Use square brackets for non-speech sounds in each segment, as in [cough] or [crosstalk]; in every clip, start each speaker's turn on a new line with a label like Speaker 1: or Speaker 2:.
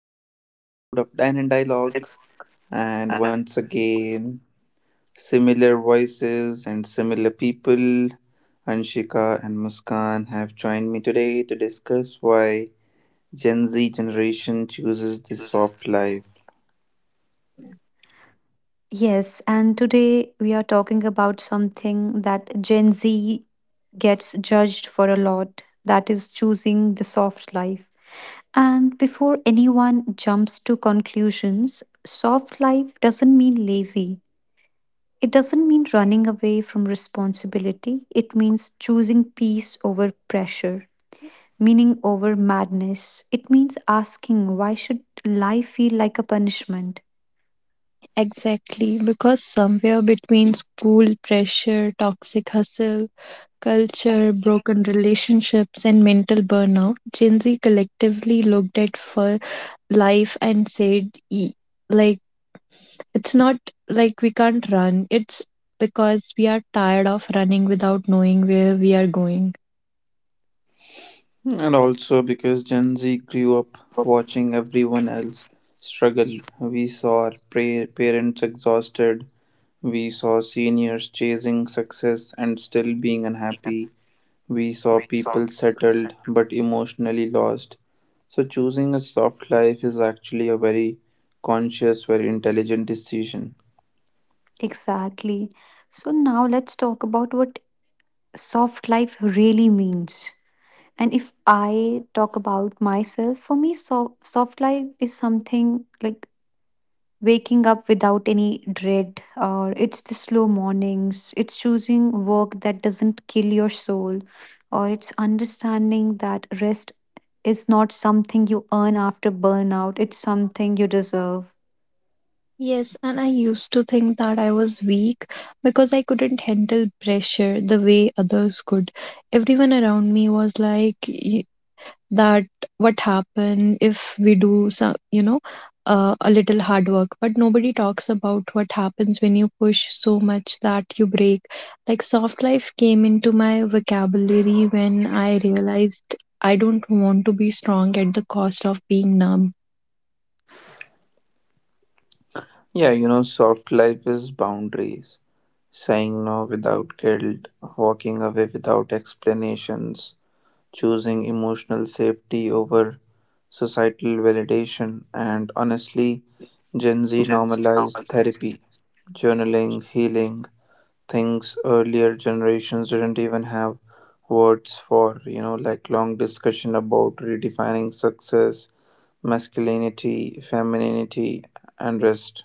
Speaker 1: to another episode of Dine and Dialogue. And once again, similar voices and similar people, Anshika and Muskan, have joined me today to discuss why Gen Z generation chooses this soft life.
Speaker 2: Yes, and today we are talking about something that Gen Z gets judged for a lot that is, choosing the soft life. And before anyone jumps to conclusions, soft life doesn't mean lazy. It doesn't mean running away from responsibility. It means choosing peace over pressure, meaning over madness. It means asking why should life feel like a punishment?
Speaker 3: Exactly, because somewhere between school pressure, toxic hustle, culture, broken relationships, and mental burnout, Gen Z collectively looked at for life and said, "E- like, it's not like we can't run, it's because we are tired of running without knowing where we are going."
Speaker 1: And also because Gen Z grew up watching everyone else struggle. We saw our parents exhausted, we saw seniors chasing success and still being unhappy. We saw people settled but emotionally lost. So, choosing a soft life is actually a very conscious, very intelligent decision.
Speaker 2: Exactly. So now let's talk about what soft life really means. And if I talk about myself, for me, soft life is something like waking up without any dread, or it's the slow mornings, it's choosing work that doesn't kill your soul, or it's understanding that rest is not something you earn after burnout, it's something you deserve.
Speaker 3: Yes, and I used to think that I was weak because I couldn't handle pressure the way others could. Everyone around me was like that. What happen if we do some a little hard work, but nobody talks about what happens when you push so much that you break. Like, soft life came into my vocabulary when I realized I don't want to be strong at the cost of being numb.
Speaker 1: Yeah, you know, soft life is boundaries, saying no without guilt, walking away without explanations, choosing emotional safety over societal validation, and honestly, Gen Z normalized therapy, journaling, healing, things earlier generations didn't even have words for, like long discussion about redefining success, masculinity, femininity, and rest.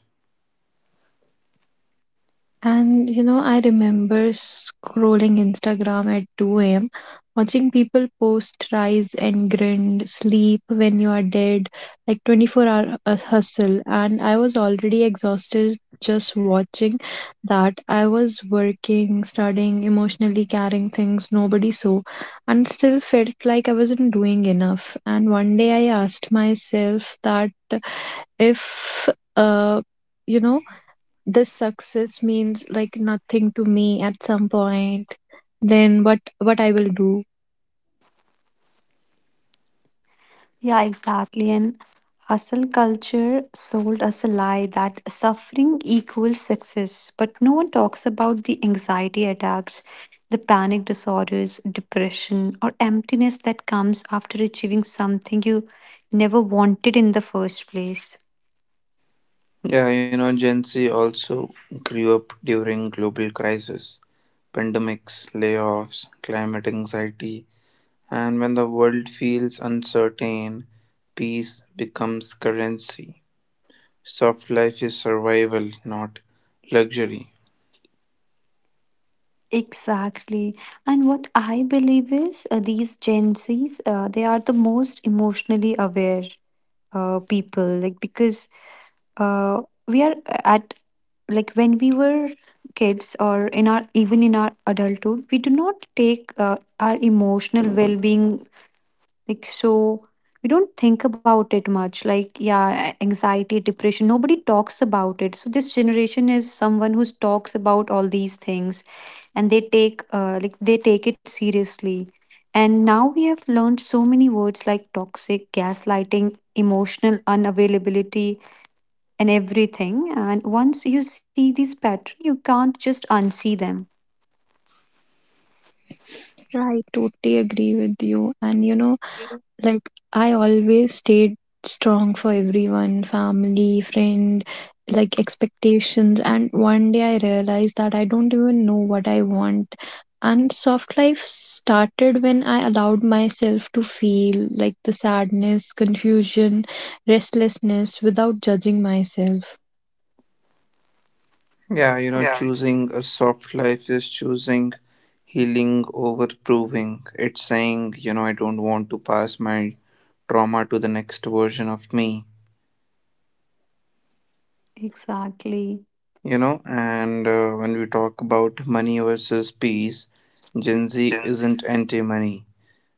Speaker 3: And you know, I remember scrolling Instagram at 2 a.m., watching people post rise and grind, sleep when you are dead, like 24 hour hustle. And I was already exhausted just watching that. I was working, studying, emotionally carrying things nobody saw, and still felt like I wasn't doing enough. And one day I asked myself that if, uh, you know, this success means like nothing to me at some point, then what I will do.
Speaker 2: Yeah, exactly. And hustle culture sold us a lie that suffering equals success. But no one talks about the anxiety attacks, the panic disorders, depression, or emptiness that comes after achieving something you never wanted in the first place.
Speaker 1: Yeah, you know, Gen Z also grew up during global crisis: pandemics, layoffs, climate anxiety. And when the world feels uncertain, peace becomes currency. Soft life is survival, not luxury.
Speaker 2: Exactly. And what I believe is these Gen Zs, they are the most emotionally aware people, like because we are at, like when we were kids, or in our, even in our adulthood, we do not take our emotional well-being like so, we don't think about it much. Like, yeah, anxiety, depression, nobody talks about it. So this generation is someone who talks about all these things, and they take it seriously. And now we have learned so many words like toxic, gaslighting, emotional unavailability, and everything. And once you see these patterns, you can't just unsee them.
Speaker 3: I totally agree with you, and you know, like I always stayed strong for everyone, family, friend, like expectations, and one day I realized that I don't even know what I want. And soft life started when I allowed myself to feel like the sadness, confusion, restlessness without judging myself.
Speaker 1: Yeah, you know, choosing a soft life is choosing healing over proving. It's saying, you know, I don't want to pass my trauma to the next version of me.
Speaker 2: Exactly.
Speaker 1: You know, and when we talk about money versus peace, Gen Z isn't anti money.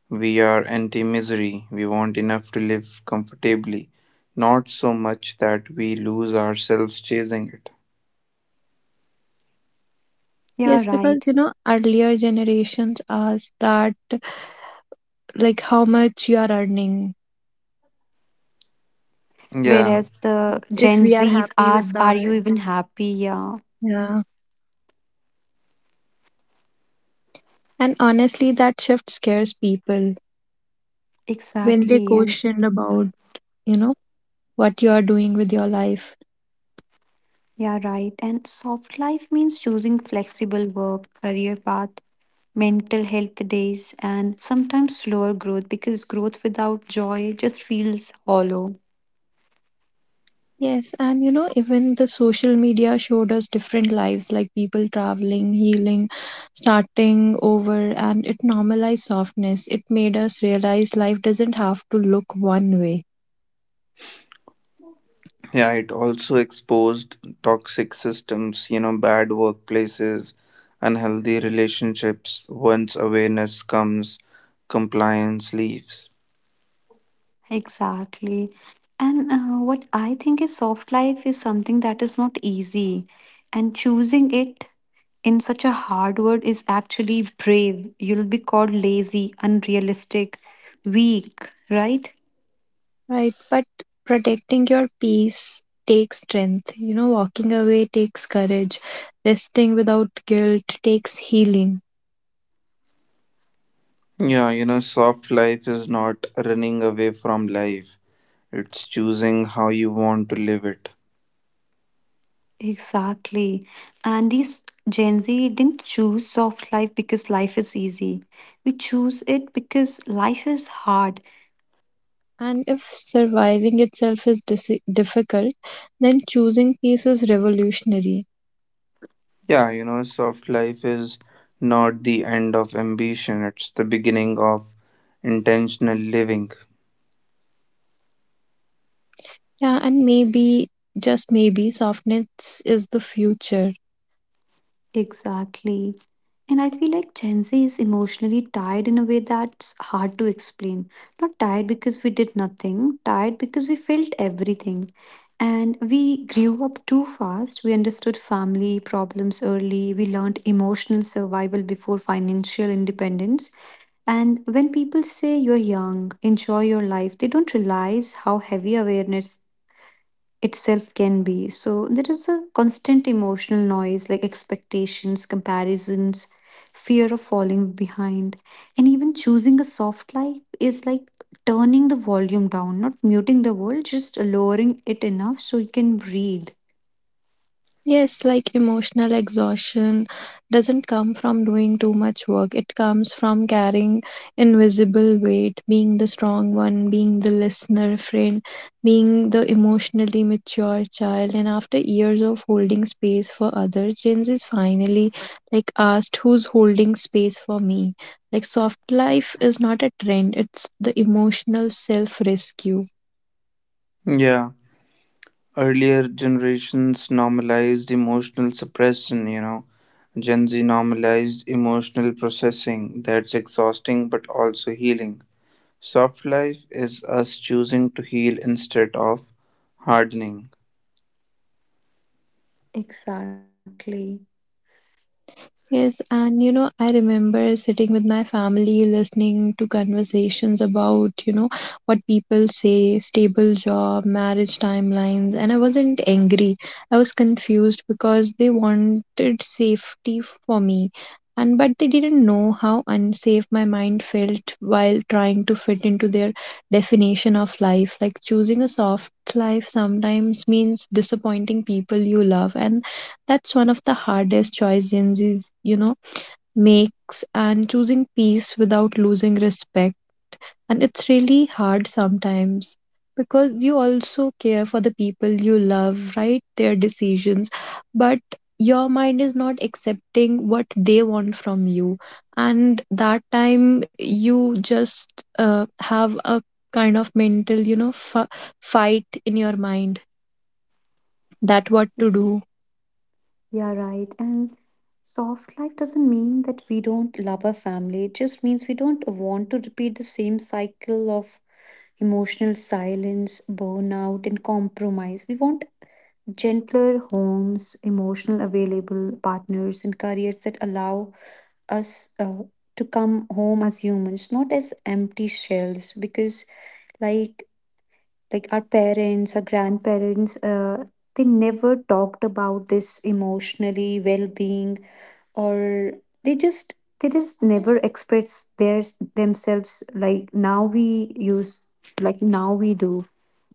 Speaker 1: We are anti misery. We want enough to live comfortably, not so much that we lose ourselves chasing it.
Speaker 2: Yeah,
Speaker 3: Yes,
Speaker 2: right.
Speaker 3: because you know, earlier generations asked that, like, how much you are earning,
Speaker 1: Yeah,
Speaker 2: Whereas the
Speaker 3: if
Speaker 2: Gen
Speaker 3: we are
Speaker 2: Zs
Speaker 3: happy with
Speaker 2: ask, are
Speaker 3: that.
Speaker 2: you even happy? Yeah,
Speaker 3: Yeah. And honestly, that shift scares people when they
Speaker 2: exactly. And
Speaker 3: questioned about, you know, what you are doing with your life.
Speaker 2: yeah, right. And soft life means choosing flexible work, career path, mental health days, and sometimes slower growth, because growth without joy just feels hollow.
Speaker 3: Yes, and you know, even the social media showed us different lives, like people traveling, healing, starting over, and it normalized softness. It made us realize life doesn't have to look one way.
Speaker 1: yeah, it also exposed toxic systems, you know, bad workplaces, unhealthy relationships. Once awareness comes, compliance leaves.
Speaker 2: Exactly. And what I think is soft life is something that is not easy. And choosing it in such a hard word is actually brave. You'll be called lazy, unrealistic, weak, right?
Speaker 3: Right, but protecting your peace takes strength. You know, walking away takes courage. Resting without guilt takes healing.
Speaker 1: Yeah, you know, soft life is not running away from life, it's choosing how you want to live it.
Speaker 2: Exactly. And these Gen Z didn't choose soft life because life is easy. We choose it because life is hard.
Speaker 3: And if surviving itself is difficult, then choosing peace is revolutionary.
Speaker 1: Yeah, you know, soft life is not the end of ambition, it's the beginning of intentional living.
Speaker 3: Yeah, and maybe, just maybe, softness is the future.
Speaker 2: Exactly. And I feel like Gen Z is emotionally tired in a way that's hard to explain. Not tired because we did nothing, tired because we felt everything. And we grew up too fast. We understood family problems early. We learned emotional survival before financial independence. And when people say you're young, enjoy your life, they don't realize how heavy awareness itself can be. So there is a constant emotional noise like expectations, comparisons, fear of falling behind, and even choosing a soft life is like turning the volume down, not muting the world, just lowering it enough so you can breathe.
Speaker 3: Yes, like emotional exhaustion doesn't come from doing too much work. It comes from carrying invisible weight, being the strong one, being the listener friend, being the emotionally mature child. And after years of holding space for others, Gen Z is finally like asked, "Who's holding space for me?" Like, soft life is not a trend, it's the emotional self rescue.
Speaker 1: Yeah. Earlier generations normalized emotional suppression, you know. Gen Z normalized emotional processing that's exhausting but also healing. Soft life is us choosing to heal instead of hardening.
Speaker 2: Exactly.
Speaker 3: Yes, and you know, I remember sitting with my family listening to conversations about, you know, what people say, stable job, marriage timelines, and I wasn't angry. I was confused because they wanted safety for me. And but they didn't know how unsafe my mind felt while trying to fit into their definition of life. Like, choosing a soft life sometimes means disappointing people you love, and that's one of the hardest choice Gen Z's, you know, makes, and choosing peace without losing respect. And it's really hard sometimes because you also care for the people you love, right? Their decisions, but your mind is not accepting what they want from you. And that time you just have a kind of mental, you know, fight in your mind that what to do.
Speaker 2: Yeah, right. And soft life doesn't mean that we don't love our family. It just means we don't want to repeat the same cycle of emotional silence, burnout, and compromise. We want gentler homes, emotional available partners, and careers that allow us to come home as humans, not as empty shells. Because like like our parents, our grandparents, they never talked about this emotionally well-being, or they just never express their themselves. Like now we use, like now we do.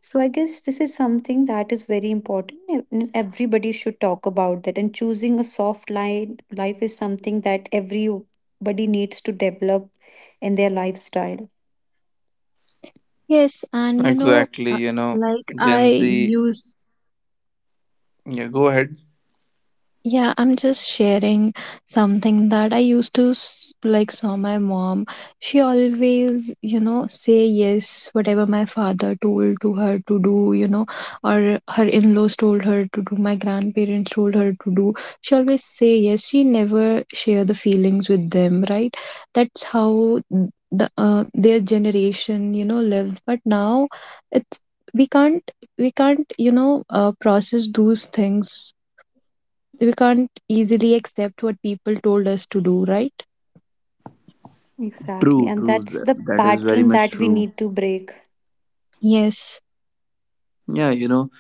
Speaker 2: So I guess this is something that is very important, and everybody should talk about that. And choosing a soft line life is something that everybody needs to develop in their lifestyle.
Speaker 3: Yes, and you know,
Speaker 1: Exactly, you know,
Speaker 3: like I
Speaker 1: Gen Z.
Speaker 3: used
Speaker 1: Yeah, go ahead.
Speaker 3: Yeah, I'm just sharing something that I used to like saw my mom. She always, you know, say yes whatever my father told to her to do, you know, or her in-laws told her to do, my grandparents told her to do. She always say yes. She never share the feelings with them, right? That's how the their generation, you know, lives. But now it's, we can't we can't you know process those things, we can't easily accept what people told us to do, right?
Speaker 2: Exactly,
Speaker 1: True,
Speaker 2: and
Speaker 1: true.
Speaker 2: that's
Speaker 1: That
Speaker 2: the
Speaker 1: that is very
Speaker 2: pattern
Speaker 1: much
Speaker 2: that we
Speaker 1: true.
Speaker 2: need to break.
Speaker 3: Yes.
Speaker 1: Yeah, you know,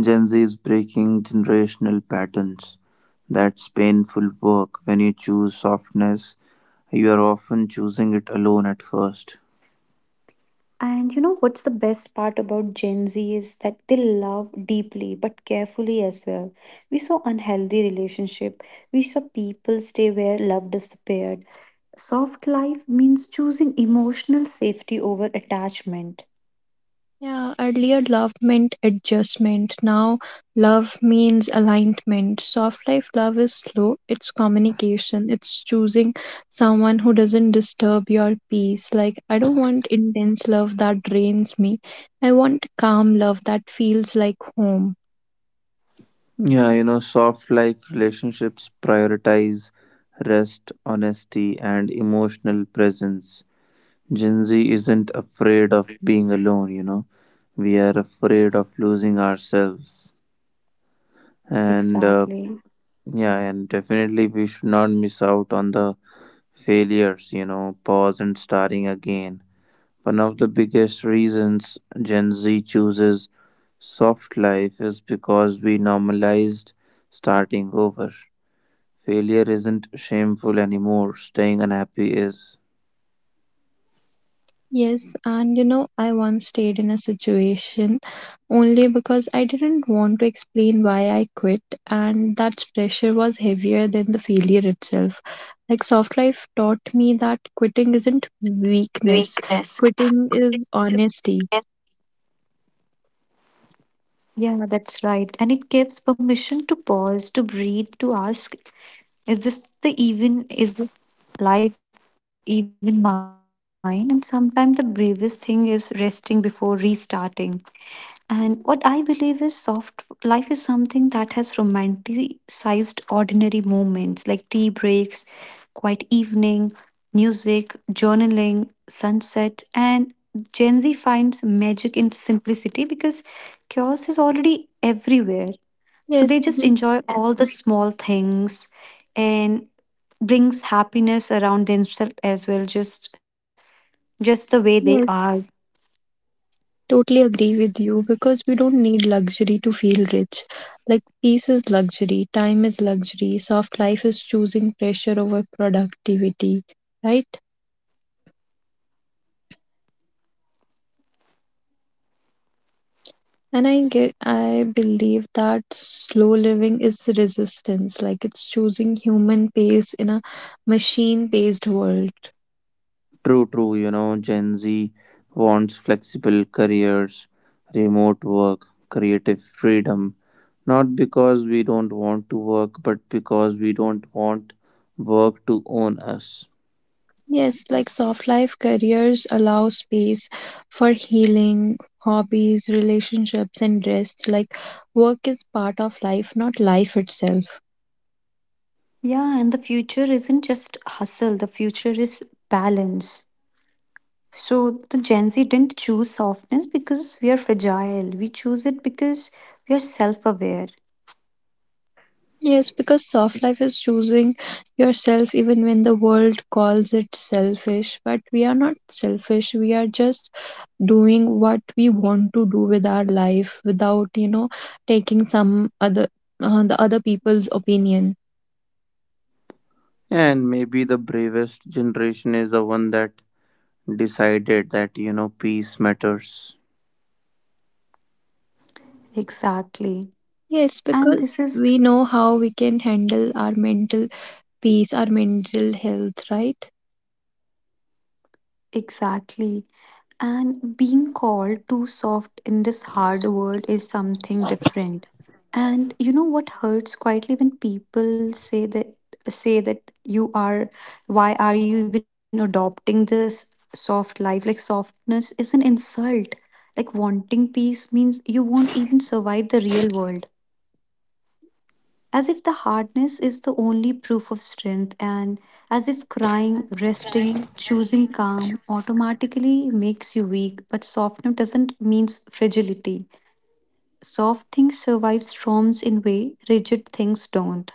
Speaker 1: Gen Z is breaking generational patterns. That's painful work. When you choose softness, you are often choosing it alone at first.
Speaker 2: And you know what's the best part about Gen Z is that they love deeply but carefully as well. We saw unhealthy relationship. We saw people stay where love disappeared. Soft life means choosing emotional safety over attachment.
Speaker 3: Yeah, earlier love meant adjustment. Now love means alignment. Soft life love is slow. It's communication. It's choosing someone who doesn't disturb your peace. Like, I don't want intense love that drains me. I want calm love that feels like home.
Speaker 1: Yeah, you know, soft life relationships prioritize rest, honesty, and emotional presence. Gen Z isn't afraid of being alone, you know, we are afraid of losing ourselves. And.
Speaker 2: Exactly.
Speaker 1: Yeah, and definitely we should not miss out on the failures, you know, pause and starting again. One of the biggest reasons Gen Z chooses soft life is because we normalized starting over. Failure isn't shameful anymore, staying unhappy is.
Speaker 3: Yes, and you know, I once stayed in a situation only because I didn't want to explain why I quit, and that pressure was heavier than the failure itself. Like, soft life taught me that quitting isn't weakness,
Speaker 2: Weakness.
Speaker 3: quitting is honesty.
Speaker 2: Yeah, that's right. And it gives permission to pause, to breathe, to ask, is this the even? Is this life even mine? And sometimes the bravest thing is resting before restarting. And what I believe is soft life is something that has romanticized ordinary moments like tea breaks, quiet evening, music, journaling, sunset, and Gen Z finds magic in simplicity because chaos is already everywhere.
Speaker 3: Yes,
Speaker 2: So they
Speaker 3: we,
Speaker 2: just enjoy all the small things and brings happiness around themselves as well, just the way they
Speaker 3: yes,
Speaker 2: are.
Speaker 3: totally agree with you because we don't need luxury to feel rich. Like, peace is luxury, time is luxury, soft life is choosing pressure over productivity, right? I believe that slow living is resistance, like it's choosing human pace in a machine-paced world.
Speaker 1: True, true. You know, Gen Z wants flexible careers, remote work, creative freedom. Not because we don't want to work, but because we don't want work to own us.
Speaker 3: Yes, like soft life careers allow space for healing, hobbies, relationships, and rest. Like, work is part of life, not life itself.
Speaker 2: Yeah, and the future isn't just hustle, the future is balance. So the Gen Z didn't choose softness because we are fragile, we choose it because we are self-aware.
Speaker 3: Yes, because soft life is choosing yourself even when the world calls it selfish. But we are not selfish. We are just doing what we want to do with our life without, you know, taking some other the other people's opinion.
Speaker 1: And maybe the bravest generation is the one that decided that, you know, peace matters.
Speaker 2: Exactly,
Speaker 3: Yes,
Speaker 2: and this
Speaker 3: because
Speaker 2: is
Speaker 3: we know how we can handle our mental peace, our mental health, right?
Speaker 2: exactly. And being called too soft in this hard world is something different. And you know what hurts quietly when people say that, you are, why are you even adopting this soft life? Like softness is an insult. Like wanting peace means you won't even survive the real world, as if the hardness is the only proof of strength, and as if crying, resting, choosing calm automatically makes you weak. But softness doesn't mean fragility. Soft things survive storms in way rigid things don't.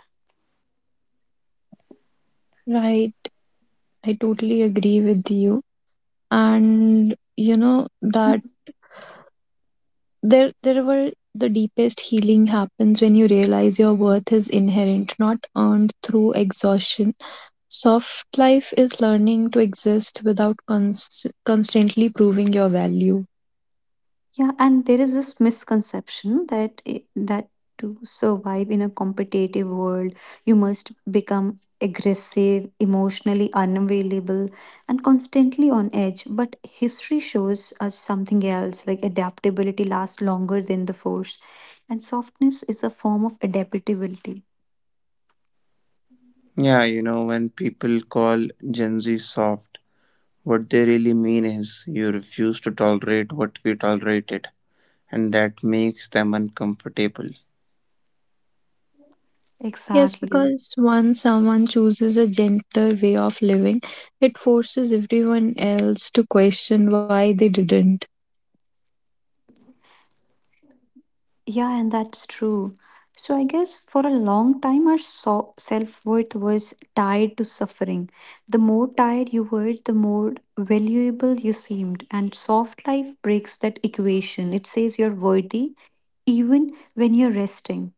Speaker 3: Right. I totally agree with you. And you know that there were the deepest healing happens when you realize your worth is inherent, not earned through exhaustion. Soft life is learning to exist without constantly proving your value.
Speaker 2: Yeah, and there is this misconception that that to survive in a competitive world, you must become aggressive, emotionally unavailable, and constantly on edge. But history shows us something else, like adaptability lasts longer than the force, and softness is a form of adaptability.
Speaker 1: Yeah, you know, when people call Gen Z soft, what they really mean is you refuse to tolerate what we tolerated, and that makes them uncomfortable.
Speaker 3: Yes,
Speaker 2: Exactly.
Speaker 3: because once someone chooses a gentler way of living, it forces everyone else to question why they didn't.
Speaker 2: Yeah, and that's true. So I guess for a long time, our self-worth was tied to suffering. The more tired you were, the more valuable you seemed. And soft life breaks that equation. It says you're worthy even when you're resting.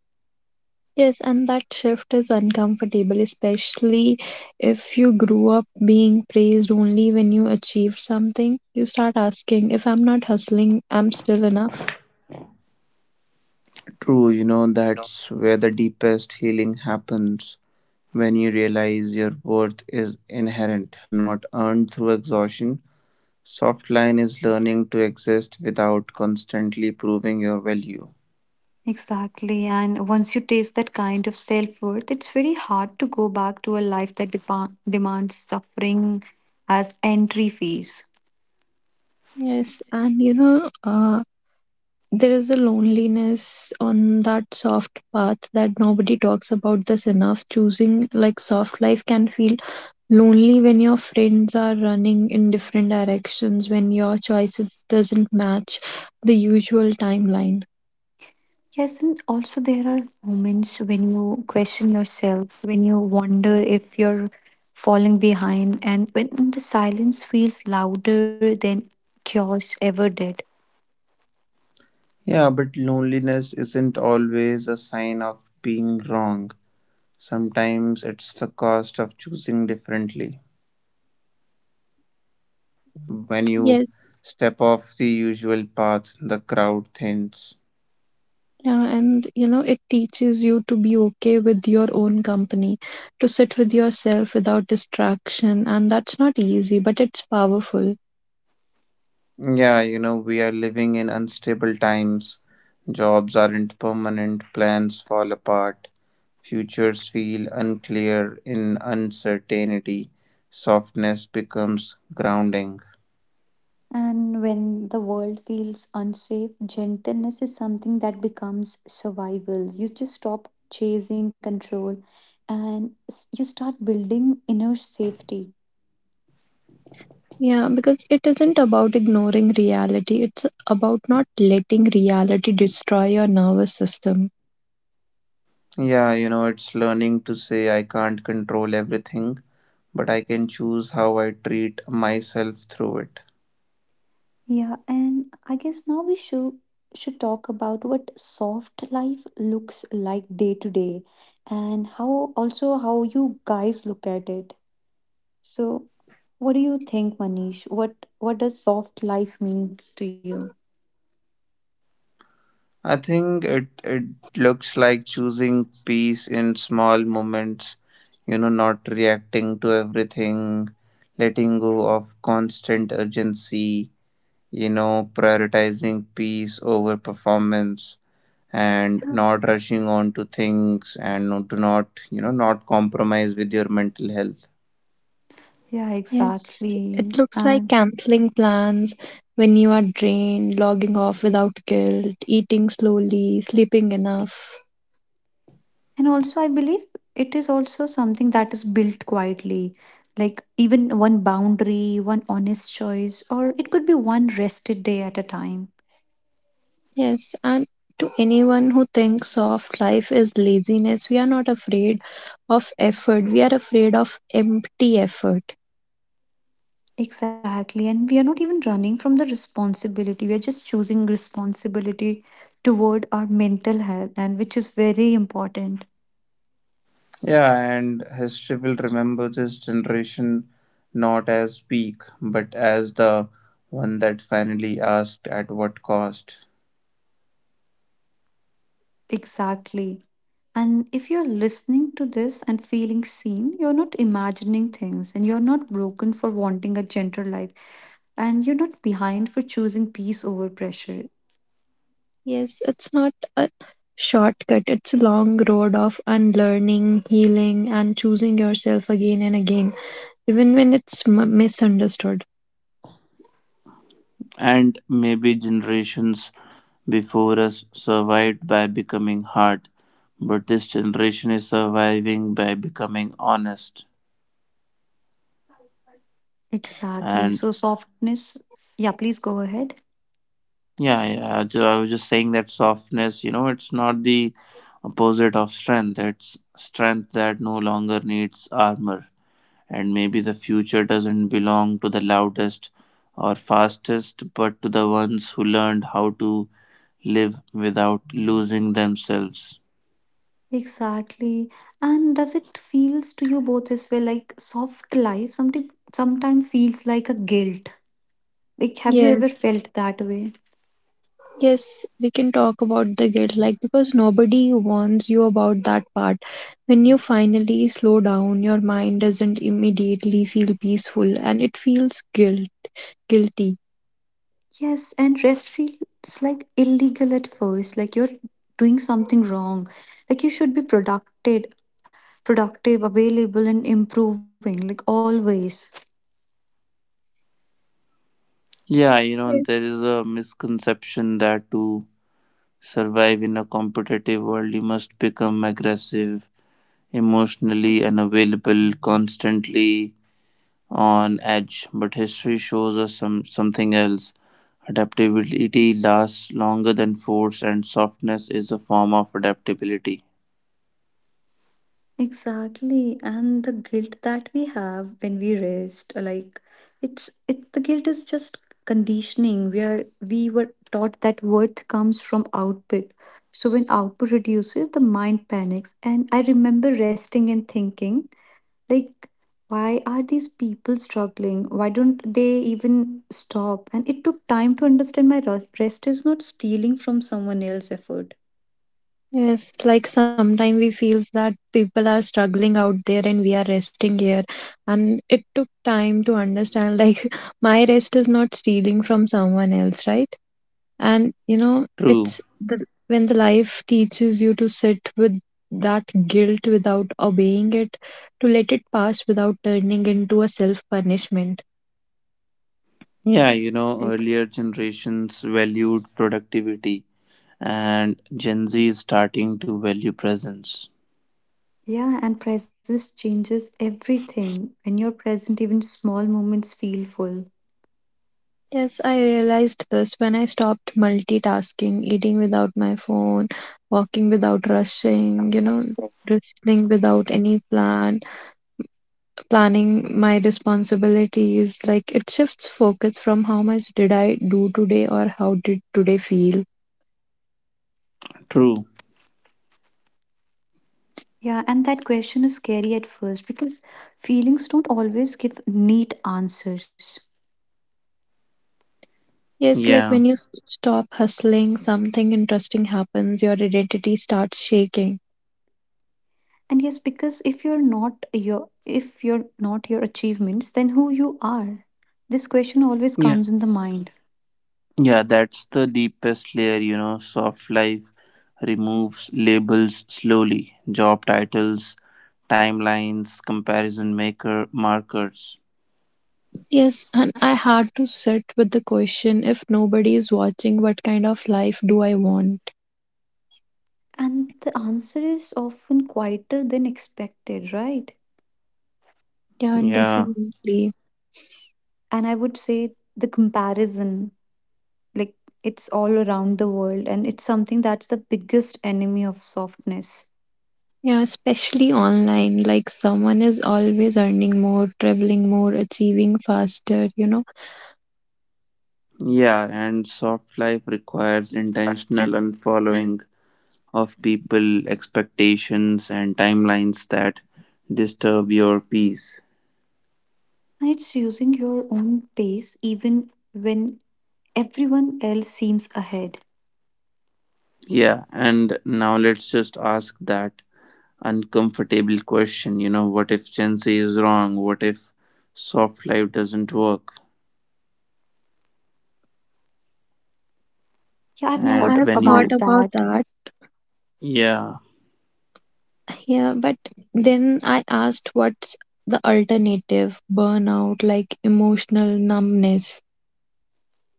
Speaker 3: Yes, and that shift is uncomfortable, especially if you grew up being praised only when you achieved something. You start asking, if I'm not hustling, I'm still enough.
Speaker 1: True, you know, that's where the deepest healing happens when you realize your worth is inherent, not earned through exhaustion. Softline is learning to exist without constantly proving your value.
Speaker 2: Exactly. And once you taste that kind of self-worth, it's very hard to go back to a life that demands suffering as entry fees.
Speaker 3: Yes, and you know, there is a loneliness on that soft path that nobody talks about this enough. Choosing like soft life can feel lonely when your friends are running in different directions, when your choices doesn't match the usual timeline.
Speaker 2: Yes, and also there are moments when you question yourself, when you wonder if you're falling behind, and when the silence feels louder than chaos ever did.
Speaker 1: Yeah, but loneliness isn't always a sign of being wrong. Sometimes it's the cost of choosing differently. When you
Speaker 3: Yes.
Speaker 1: step off the usual path, the crowd thins.
Speaker 3: Yeah, and you know, it teaches you to be okay with your own company, to sit with yourself without distraction, and that's not easy, but it's powerful.
Speaker 1: Yeah, you know, we are living in unstable times. Jobs aren't permanent, plans fall apart, futures feel unclear in uncertainty, softness becomes grounding.
Speaker 2: And when the world feels unsafe, gentleness is something that becomes survival. You just stop chasing control and you start building inner safety.
Speaker 3: Yeah, because it isn't about ignoring reality, it's about not letting reality destroy your nervous system.
Speaker 1: Yeah, you know, it's learning to say I can't control everything, but I can choose how I treat myself through it.
Speaker 2: Yeah, and I guess now we should talk about what soft life looks like day to day, and how, also how you guys look at it. So what do you think, Manish? What does soft life mean to you?
Speaker 1: I think it looks like choosing peace in small moments, you know, not reacting to everything, letting go of constant urgency, you know, prioritizing peace over performance and not
Speaker 2: Yeah.
Speaker 1: rushing on to things and not, to not, not compromise with your mental health.
Speaker 2: Yeah,
Speaker 3: Yes, it
Speaker 2: exactly.
Speaker 3: looks like
Speaker 2: And
Speaker 3: canceling plans when you are drained, logging off without guilt, eating slowly, sleeping enough.
Speaker 2: also I believe it is also something that is built quietly. Like even one boundary, one honest choice, or it could be one rested day at a time.
Speaker 3: Yes, and to anyone who thinks soft life is laziness, we are not afraid of effort. We are afraid of empty effort.
Speaker 2: Exactly. And we are not even running from the responsibility. We are just choosing responsibility toward our mental health, and which is very important.
Speaker 1: Yeah, and history will remember this generation not as weak, but as the one that finally asked at what cost.
Speaker 2: Exactly. And if you're listening to this and feeling seen, you're not imagining things, and you're not broken for wanting a gentler life, and you're not behind for choosing peace over pressure.
Speaker 3: Yes, it's not a shortcut, it's a long road of unlearning, healing, and choosing yourself again and again, even when it's misunderstood.
Speaker 1: And maybe generations before us survived by becoming hard, but this generation is surviving by becoming honest.
Speaker 2: Exactly.
Speaker 1: And
Speaker 2: So, softness. Yeah, please go ahead.
Speaker 1: yeah, yeah, I was just saying that softness, you know, it's not the opposite of strength, it's strength that no longer needs armor. And maybe the future doesn't belong to the loudest or fastest, but to the ones who learned how to live without losing themselves.
Speaker 2: Exactly. And does it feels to you both as well, like soft life sometimes sometime feels like a guilt. Like have you ever
Speaker 3: Yes.
Speaker 2: felt that way?
Speaker 3: Yes, we can talk about the guilt, like because nobody warns you about that part. When you finally slow down, your mind doesn't immediately feel peaceful and it feels guilt, guilty.
Speaker 2: Yes, and rest feels like illegal at first, like you're doing something wrong. Like you should be productive, available and improving, like always.
Speaker 1: Yeah, you know,
Speaker 3: Yes.
Speaker 1: there is a misconception that to survive in a competitive world, you must become aggressive, emotionally unavailable, constantly on edge. But history shows us something else. Adaptability lasts longer than force, and softness is a form of adaptability.
Speaker 2: Exactly, and the guilt that we have when we rest, like it's the guilt is just conditioning. We were taught that worth comes from output. So when output reduces, the mind panics. And I remember resting and thinking, like, why are these people struggling? Why don't they even stop? And it took time to understand my rest is not stealing from someone else's effort.
Speaker 3: Yes, like sometimes we feels that people are struggling out there and we are resting here. And it took time to understand, like, [laughs] my rest is not stealing from someone else, right? And you know
Speaker 1: True.
Speaker 3: it's the when the life teaches you to sit with that guilt without obeying it, to let it pass without turning into a self punishment.
Speaker 1: Yeah, you know, earlier generations valued productivity and Gen Z is starting to value presence.
Speaker 2: Yeah, and presence changes everything. When you're present, even small moments feel full.
Speaker 3: Yes, I realized this when I stopped multitasking, eating without my phone, walking without rushing, you know, listening without any plan, planning my responsibilities. Like, it shifts focus from how much did I do today or how did today feel.
Speaker 1: True.
Speaker 2: Yeah, and that question is scary at first because feelings don't always give neat answers.
Speaker 3: Yes, like
Speaker 1: Yeah.
Speaker 3: when you stop hustling, something interesting happens, your identity starts shaking.
Speaker 2: And yes, because if you're not your achievements, then who you are? This question always
Speaker 1: Yeah.
Speaker 2: comes in the mind.
Speaker 1: Yeah, that's the deepest layer, you know. Soft life removes labels slowly, job titles, timelines, comparison maker markers.
Speaker 3: Yes, and I had to sit with the question, if nobody is watching, what kind of life do I want?
Speaker 2: And the answer is often quieter than expected, right?
Speaker 3: Yeah, and
Speaker 1: Yeah.
Speaker 3: definitely.
Speaker 2: And I would say the comparison. Like, it's all around the world, and it's something that's the biggest enemy of softness,
Speaker 3: Yeah, especially online, like someone is always earning more, traveling more, achieving faster, you know.
Speaker 1: Yeah, and soft life requires intentional unfollowing of people, expectations, and timelines that disturb your peace.
Speaker 2: and it's using your own pace even when everyone else seems ahead.
Speaker 1: Yeah, and now let's just ask that uncomfortable question, you know, what if Gen Z is wrong? What if soft life doesn't work?
Speaker 2: Yeah, I've
Speaker 3: Yeah,
Speaker 1: And
Speaker 3: I
Speaker 2: thought
Speaker 3: have
Speaker 1: when
Speaker 3: thought
Speaker 1: you,
Speaker 2: about
Speaker 3: about
Speaker 2: that.
Speaker 3: that.
Speaker 1: yeah,
Speaker 3: Yeah, but then I asked what's the alternative burnout, like emotional numbness.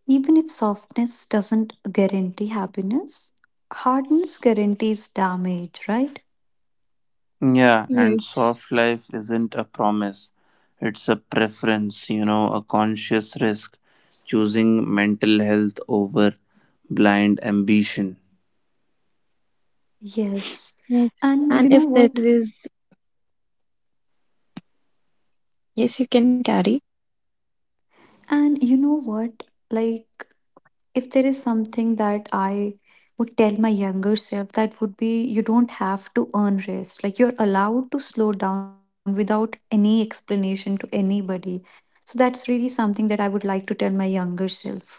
Speaker 2: Even if softness doesn't guarantee happiness, hardness guarantees damage, right?
Speaker 1: yeah, and
Speaker 3: Yes.
Speaker 1: soft life isn't a promise, it's a preference, you know, a conscious risk, choosing mental health over blind ambition.
Speaker 2: yes
Speaker 3: Yes.
Speaker 2: and
Speaker 3: And
Speaker 2: you know
Speaker 3: if there
Speaker 2: what
Speaker 3: is, yes, you can carry.
Speaker 2: and you know what, like, if there is something that I would tell my younger self, that would be, you don't have to earn rest. Like you're allowed to slow down without any explanation to anybody. So that's really something that I would like to tell my younger self.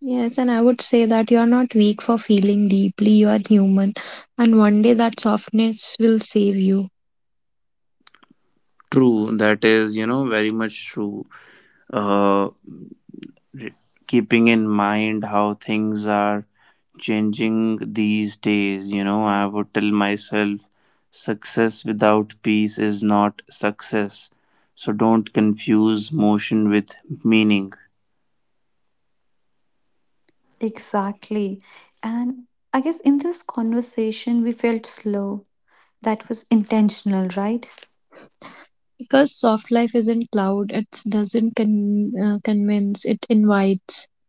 Speaker 3: Yes, and I would say that you're not weak for feeling deeply, you are human. And one day that softness will save you.
Speaker 1: True, that is, you know, very much true. Uh, Keeping in mind how things are changing these days, you know, I would tell myself success without peace is not success. So don't confuse motion with meaning.
Speaker 2: Exactly. And I guess in this conversation, we felt slow. That was intentional, right?
Speaker 3: Because soft life isn't loud, it doesn't convince, it invites.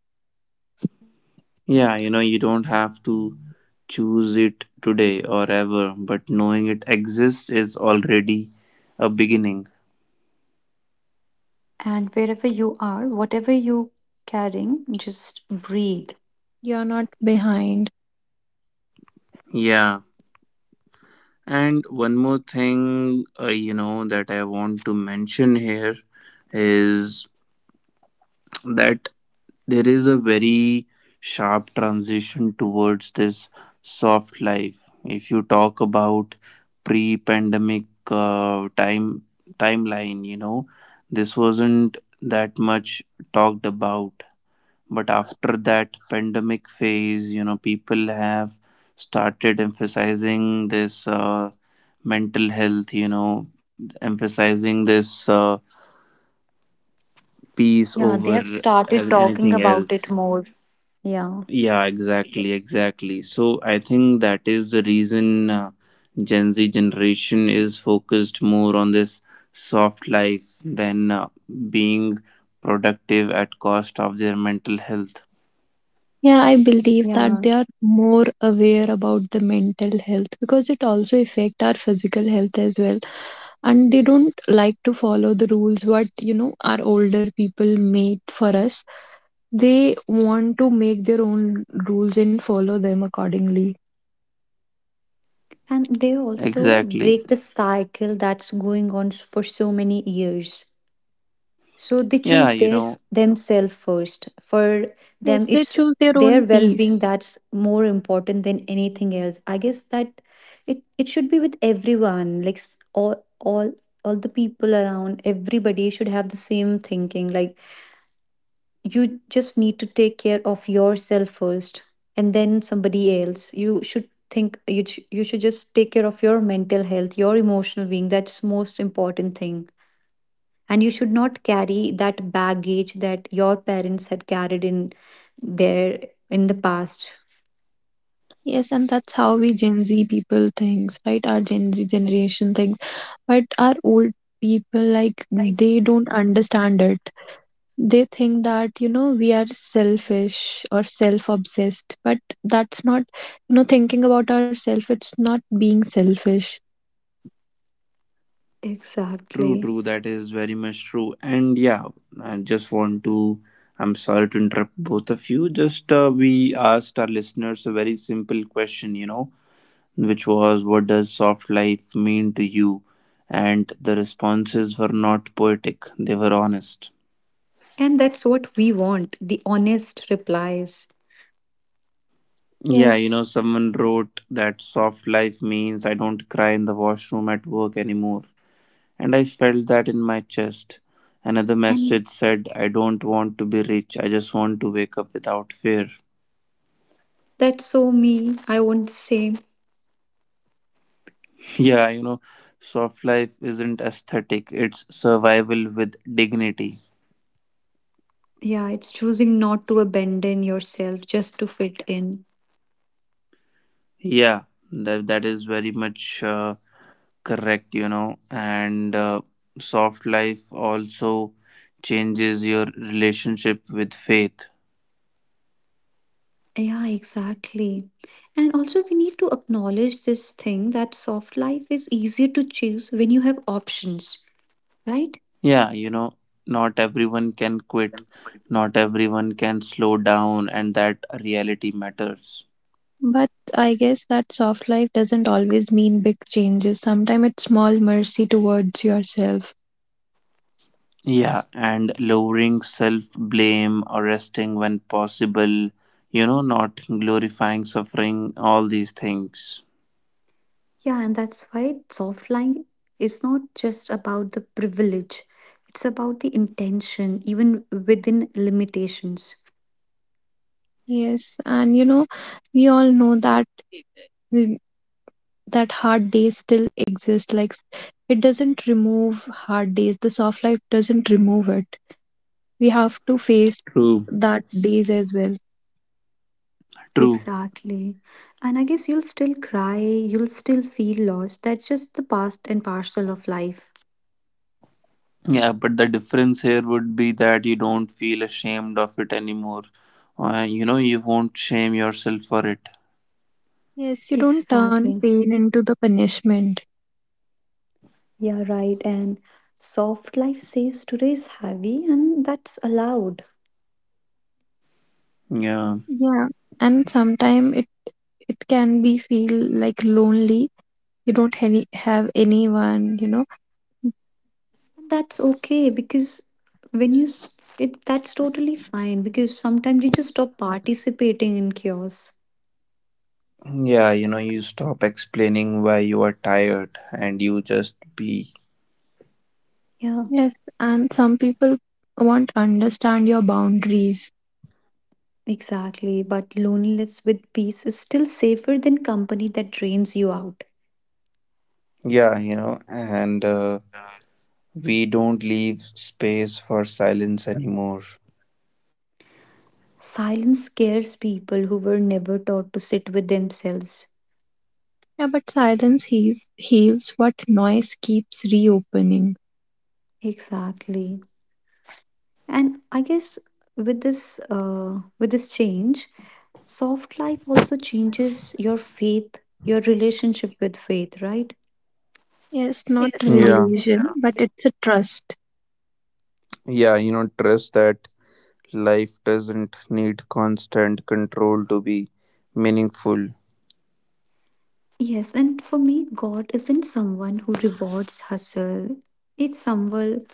Speaker 1: Yeah, you know, you don't have to choose it today or ever, but knowing it exists is already a beginning.
Speaker 2: And wherever you are, whatever you are carrying, just breathe.
Speaker 3: You're not behind.
Speaker 1: Yeah. And one more thing, you know, that I want to mention here is that there is a very sharp transition towards this soft life. If you talk about pre-pandemic timeline, you know, this wasn't that much talked about, but after that pandemic phase, you know, people have started emphasizing this mental health, you know, emphasizing this peace
Speaker 2: Yeah, they
Speaker 1: over
Speaker 2: have started
Speaker 1: anything
Speaker 2: talking
Speaker 1: else.
Speaker 2: about it more. Yeah.
Speaker 1: Yeah, exactly, exactly. So I think that is the reason Gen Z generation is focused more on this soft life than being productive at cost of their mental health.
Speaker 3: Yeah, I believe that
Speaker 2: Yeah,
Speaker 3: they are more aware about the mental health because it also affect our physical health as well. And they don't like to follow the rules what, you know, our older people made for us. They want to make their own rules and follow them accordingly.
Speaker 2: and they also
Speaker 1: Exactly.
Speaker 2: break the cycle that's going on for so many years. So they
Speaker 1: Yeah,
Speaker 2: choose
Speaker 1: you know.
Speaker 2: theirs themselves first. For
Speaker 3: Yes,
Speaker 2: them,
Speaker 3: they
Speaker 2: it's
Speaker 3: choose their own
Speaker 2: their well-being
Speaker 3: peace.
Speaker 2: that's more important than anything else. I guess that it should be with everyone, like all the people around. Everybody should have the same thinking. Like you just need to take care of yourself first, and then somebody else you should think you should just take care of your mental health, your emotional being. That's most important thing. And you should not carry that baggage that your parents had carried their in the past.
Speaker 3: Yes, and that's how we Gen Z people thinks, right? Our Gen Z generation thinks. But our old people, like, they don't understand it. They think that, you know, we are selfish or self-obsessed, but that's not, thinking about ourselves, it's not being selfish.
Speaker 1: True,
Speaker 2: Exactly.
Speaker 1: true. That is very much true. And yeah, I just want to. I'm sorry to interrupt both of you. Just we asked our listeners a very simple question, you know, which was, "What does soft life mean to you?" And the responses were not poetic; they were honest.
Speaker 2: And that's what we want, the honest replies.
Speaker 1: Yeah, you
Speaker 3: Yes,
Speaker 1: know, someone wrote that soft life means I don't cry in the washroom at work anymore. And I felt that in my chest. Another
Speaker 2: And
Speaker 1: message said, I don't want to be rich, I just want to wake up without fear.
Speaker 2: that's so me, I won't say.
Speaker 1: [laughs] Yeah, you know, soft life isn't aesthetic, it's survival with dignity.
Speaker 2: Yeah, it's choosing not to abandon yourself just to fit in.
Speaker 1: Yeah, that is very much correct, you know, and soft life also changes your relationship with faith.
Speaker 2: Yeah, exactly. And also, we need to acknowledge this thing that soft life is easier to choose when you have options, right?
Speaker 1: Yeah, you know, not everyone can quit, not everyone can slow down, and that reality matters.
Speaker 3: but I guess that soft life doesn't always mean big changes. Sometimes it's small mercy towards yourself.
Speaker 1: Yeah, and lowering self blame, arresting when possible, you know, not glorifying suffering, all these things.
Speaker 2: Yeah, and that's why soft life is not just about the privilege, it's about the intention, even within limitations.
Speaker 3: Yes, and you know, we all know that the- that hard days still exist. Like it doesn't remove hard days, the soft life doesn't remove it. We have to face
Speaker 1: True.
Speaker 3: that days as well.
Speaker 1: True.
Speaker 2: Exactly. And I guess you'll still cry, you'll still feel lost. That's just the past and parcel of life.
Speaker 1: Yeah, but the difference here would be that you don't feel ashamed of it anymore. You know, you won't shame yourself for it.
Speaker 3: Yes, you don't turn
Speaker 2: Exactly.
Speaker 3: pain into the punishment.
Speaker 2: Yeah, right. And soft life says today is heavy, and that's allowed.
Speaker 1: Yeah.
Speaker 3: Yeah, and sometimes it can be feel like lonely. You don't have anyone, you know.
Speaker 2: That's okay because when you s- it that's totally fine, because sometimes you just stop participating in chaos.
Speaker 1: Yeah, you know, you stop explaining why you are tired and you just be.
Speaker 2: Yeah,
Speaker 3: Yes, and some people won't understand your boundaries.
Speaker 2: exactly. But loneliness with peace is still safer than company that drains you out.
Speaker 1: Yeah, you know, and we don't leave space for silence anymore.
Speaker 2: Silence scares people who were never taught to sit with themselves.
Speaker 3: Yeah, but silence heals, heals what noise keeps reopening.
Speaker 2: Exactly. And I guess with this change, soft life also changes your faith, your relationship with faith, right?
Speaker 3: Yes, not
Speaker 2: Yes.
Speaker 1: Yeah,
Speaker 3: religion, but it's a trust,
Speaker 1: yeah, you know, trust that life doesn't need constant control to be meaningful.
Speaker 2: Yes, and for me, God isn't someone who rewards hustle. It's someone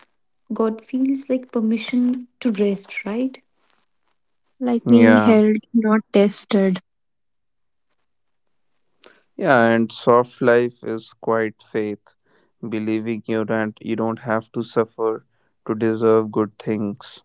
Speaker 2: God feels like permission to rest, right?
Speaker 3: like being
Speaker 1: Yeah,
Speaker 3: held, not tested.
Speaker 1: yeah, and soft life is quite faith, believing you that you don't have to suffer to deserve good things.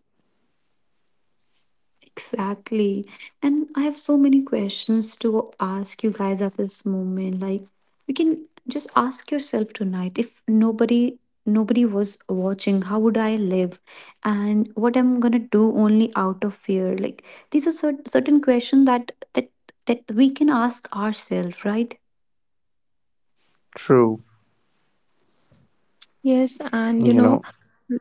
Speaker 2: Exactly. And I have so many questions to ask you guys at this moment. Like you can just ask yourself tonight, if nobody was watching, how would I live? And what I'm gonna do only out of fear. Like these are certain questions that we can ask ourselves, right?
Speaker 1: True,
Speaker 3: Yes, and you
Speaker 1: you
Speaker 3: know,
Speaker 1: know,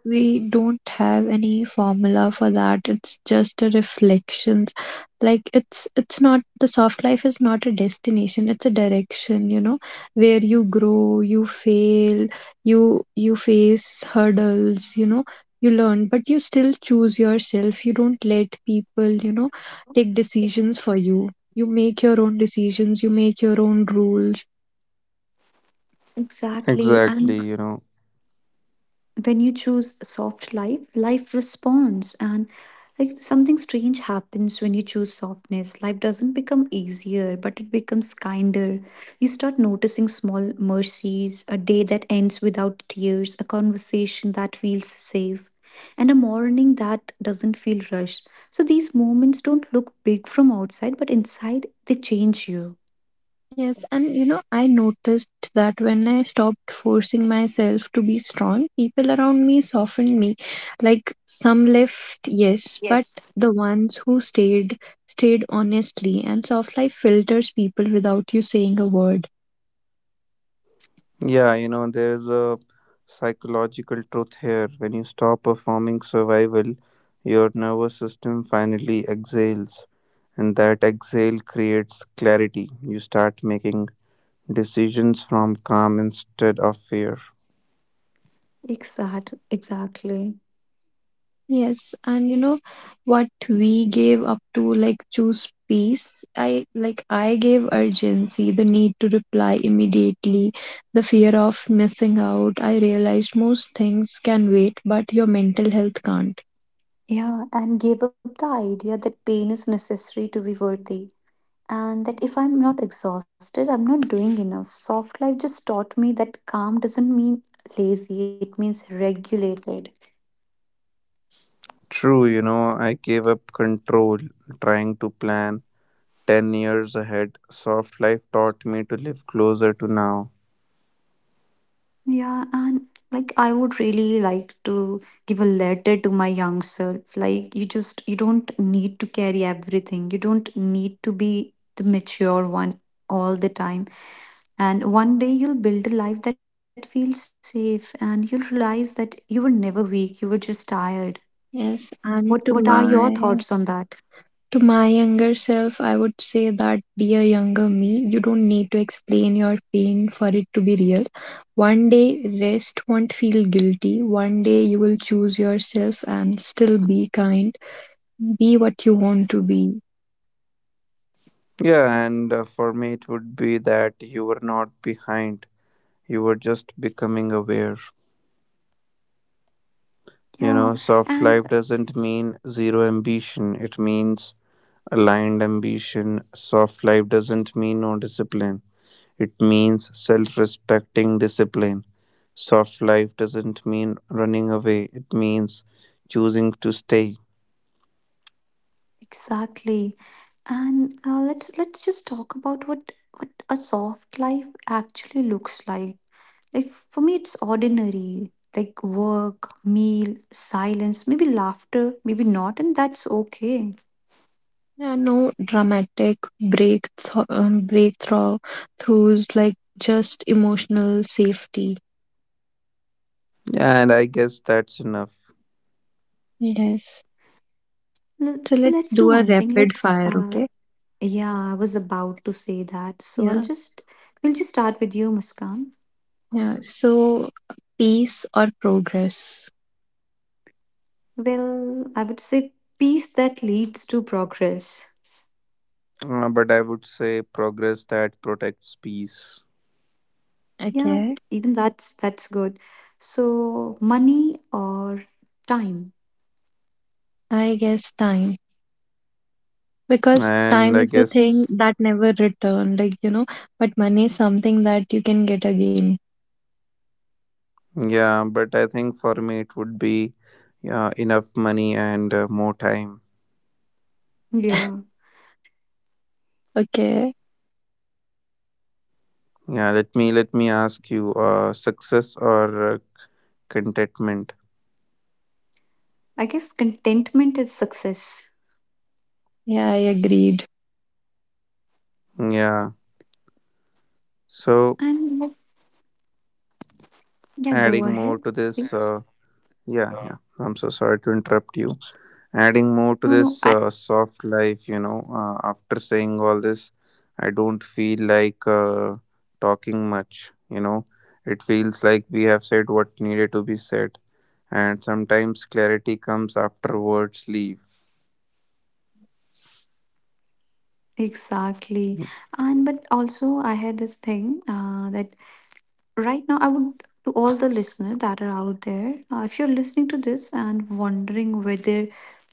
Speaker 3: we don't have any formula for that, it's just a reflections. Like it's not, the soft life is not a destination, it's a direction, you know. Where you grow, you fail, you face hurdles, you know, you learn, but you still choose yourself. You don't let people, you know, take decisions for you. You make your own decisions, you make your own rules.
Speaker 2: Exactly. And
Speaker 1: exactly, you know.
Speaker 2: when you choose soft life, life responds. And like something strange happens when you choose softness. Life doesn't become easier, but it becomes kinder. You start noticing small mercies: a day that ends without tears, a conversation that feels safe, and a morning that doesn't feel rushed. So these moments don't look big from outside, but inside they change you.
Speaker 3: Yes, and you know, I noticed that when I stopped forcing myself to be strong, people around me softened me. Like some left, yes, but the ones who stayed stayed honestly, and soft life filters people without you saying a word.
Speaker 1: Yeah, you know, there is a psychological truth here. When you stop performing survival, your nervous system finally exhales, and that exhale creates clarity. You start making decisions from calm instead of fear.
Speaker 2: Exactly.
Speaker 3: Yes, and you know what we gave up to like choose peace. I like I gave urgency, the need to reply immediately, the fear of missing out. I realized most things can wait, but your mental health can't.
Speaker 2: Yeah, and give up the idea that pain is necessary to be worthy, and that if I'm not exhausted, I'm not doing enough. Soft life just taught me that calm doesn't mean lazy, it means regulated.
Speaker 1: True, you know, I gave up control trying to plan 10 years ahead. Soft life taught me to live closer to now.
Speaker 2: Yeah, and like I would really like to give a letter to my young self. Like, you don't need to carry everything, you don't need to be the mature one all the time. And one day you'll build a life that feels safe, and you'll realize that you were never weak, you were just tired.
Speaker 3: Yes,
Speaker 2: What,
Speaker 3: and
Speaker 2: what
Speaker 3: to
Speaker 2: are your thoughts on
Speaker 3: my,
Speaker 2: that?
Speaker 3: to my younger self, I would say that, dear younger me, you don't need to explain your pain for it to be real. One day, rest won't feel guilty. One day, you will choose yourself and still be kind. Be what you want to be.
Speaker 1: Yeah, and for me, it would be that you were not behind. You were just becoming aware. You
Speaker 2: Yeah,
Speaker 1: know, soft life
Speaker 2: and
Speaker 1: doesn't mean zero ambition, it means aligned ambition. Soft life doesn't mean no discipline, it means self respecting discipline. Soft life doesn't mean running away, it means choosing to stay.
Speaker 2: exactly. And let's just talk about what a soft life actually looks like. Like for me, it's ordinary. Like work, meal, silence, maybe laughter, maybe not, and that's okay.
Speaker 3: Yeah, no dramatic breakthrough throughs, like just emotional safety.
Speaker 1: Yeah, and I guess that's enough.
Speaker 3: Yes. So
Speaker 2: So
Speaker 3: let's
Speaker 2: let's do
Speaker 3: do a
Speaker 2: one thing.
Speaker 3: rapid
Speaker 2: Let's
Speaker 3: fire, okay?
Speaker 2: Yeah, I was about to say that. So I'll
Speaker 3: Yeah.
Speaker 2: just we'll just start with you, Muskan.
Speaker 3: Yeah. So peace or progress?
Speaker 2: Well, I would say peace that leads to progress.
Speaker 1: But I would say progress that protects peace.
Speaker 2: Yeah,
Speaker 3: Okay,
Speaker 2: even that's good. So money or time.
Speaker 3: I guess time. Because
Speaker 1: And
Speaker 3: time
Speaker 1: I
Speaker 3: is the thing
Speaker 1: guess,
Speaker 3: that never return, like you know, but money is something that you can get again.
Speaker 1: yeah, but I think for me it would be enough money and more time.
Speaker 2: Yeah.
Speaker 3: Okay,
Speaker 1: Yeah, let me ask you, success or contentment?
Speaker 2: I guess contentment is success.
Speaker 3: yeah, I agreed.
Speaker 1: Yeah. So
Speaker 2: And yeah, go
Speaker 1: adding
Speaker 2: ahead,
Speaker 1: more to
Speaker 2: please.
Speaker 1: this, yeah, yeah. I'm so sorry to interrupt you. Adding
Speaker 2: No,
Speaker 1: more to
Speaker 2: no, I
Speaker 1: this soft life, you know. After saying all this, I don't feel like talking much. You know, it feels like we have said what needed to be said, and sometimes clarity comes after words leave.
Speaker 2: exactly. And but also I had this thing that right now I would to all the listeners that are out there, if you're listening to this and wondering whether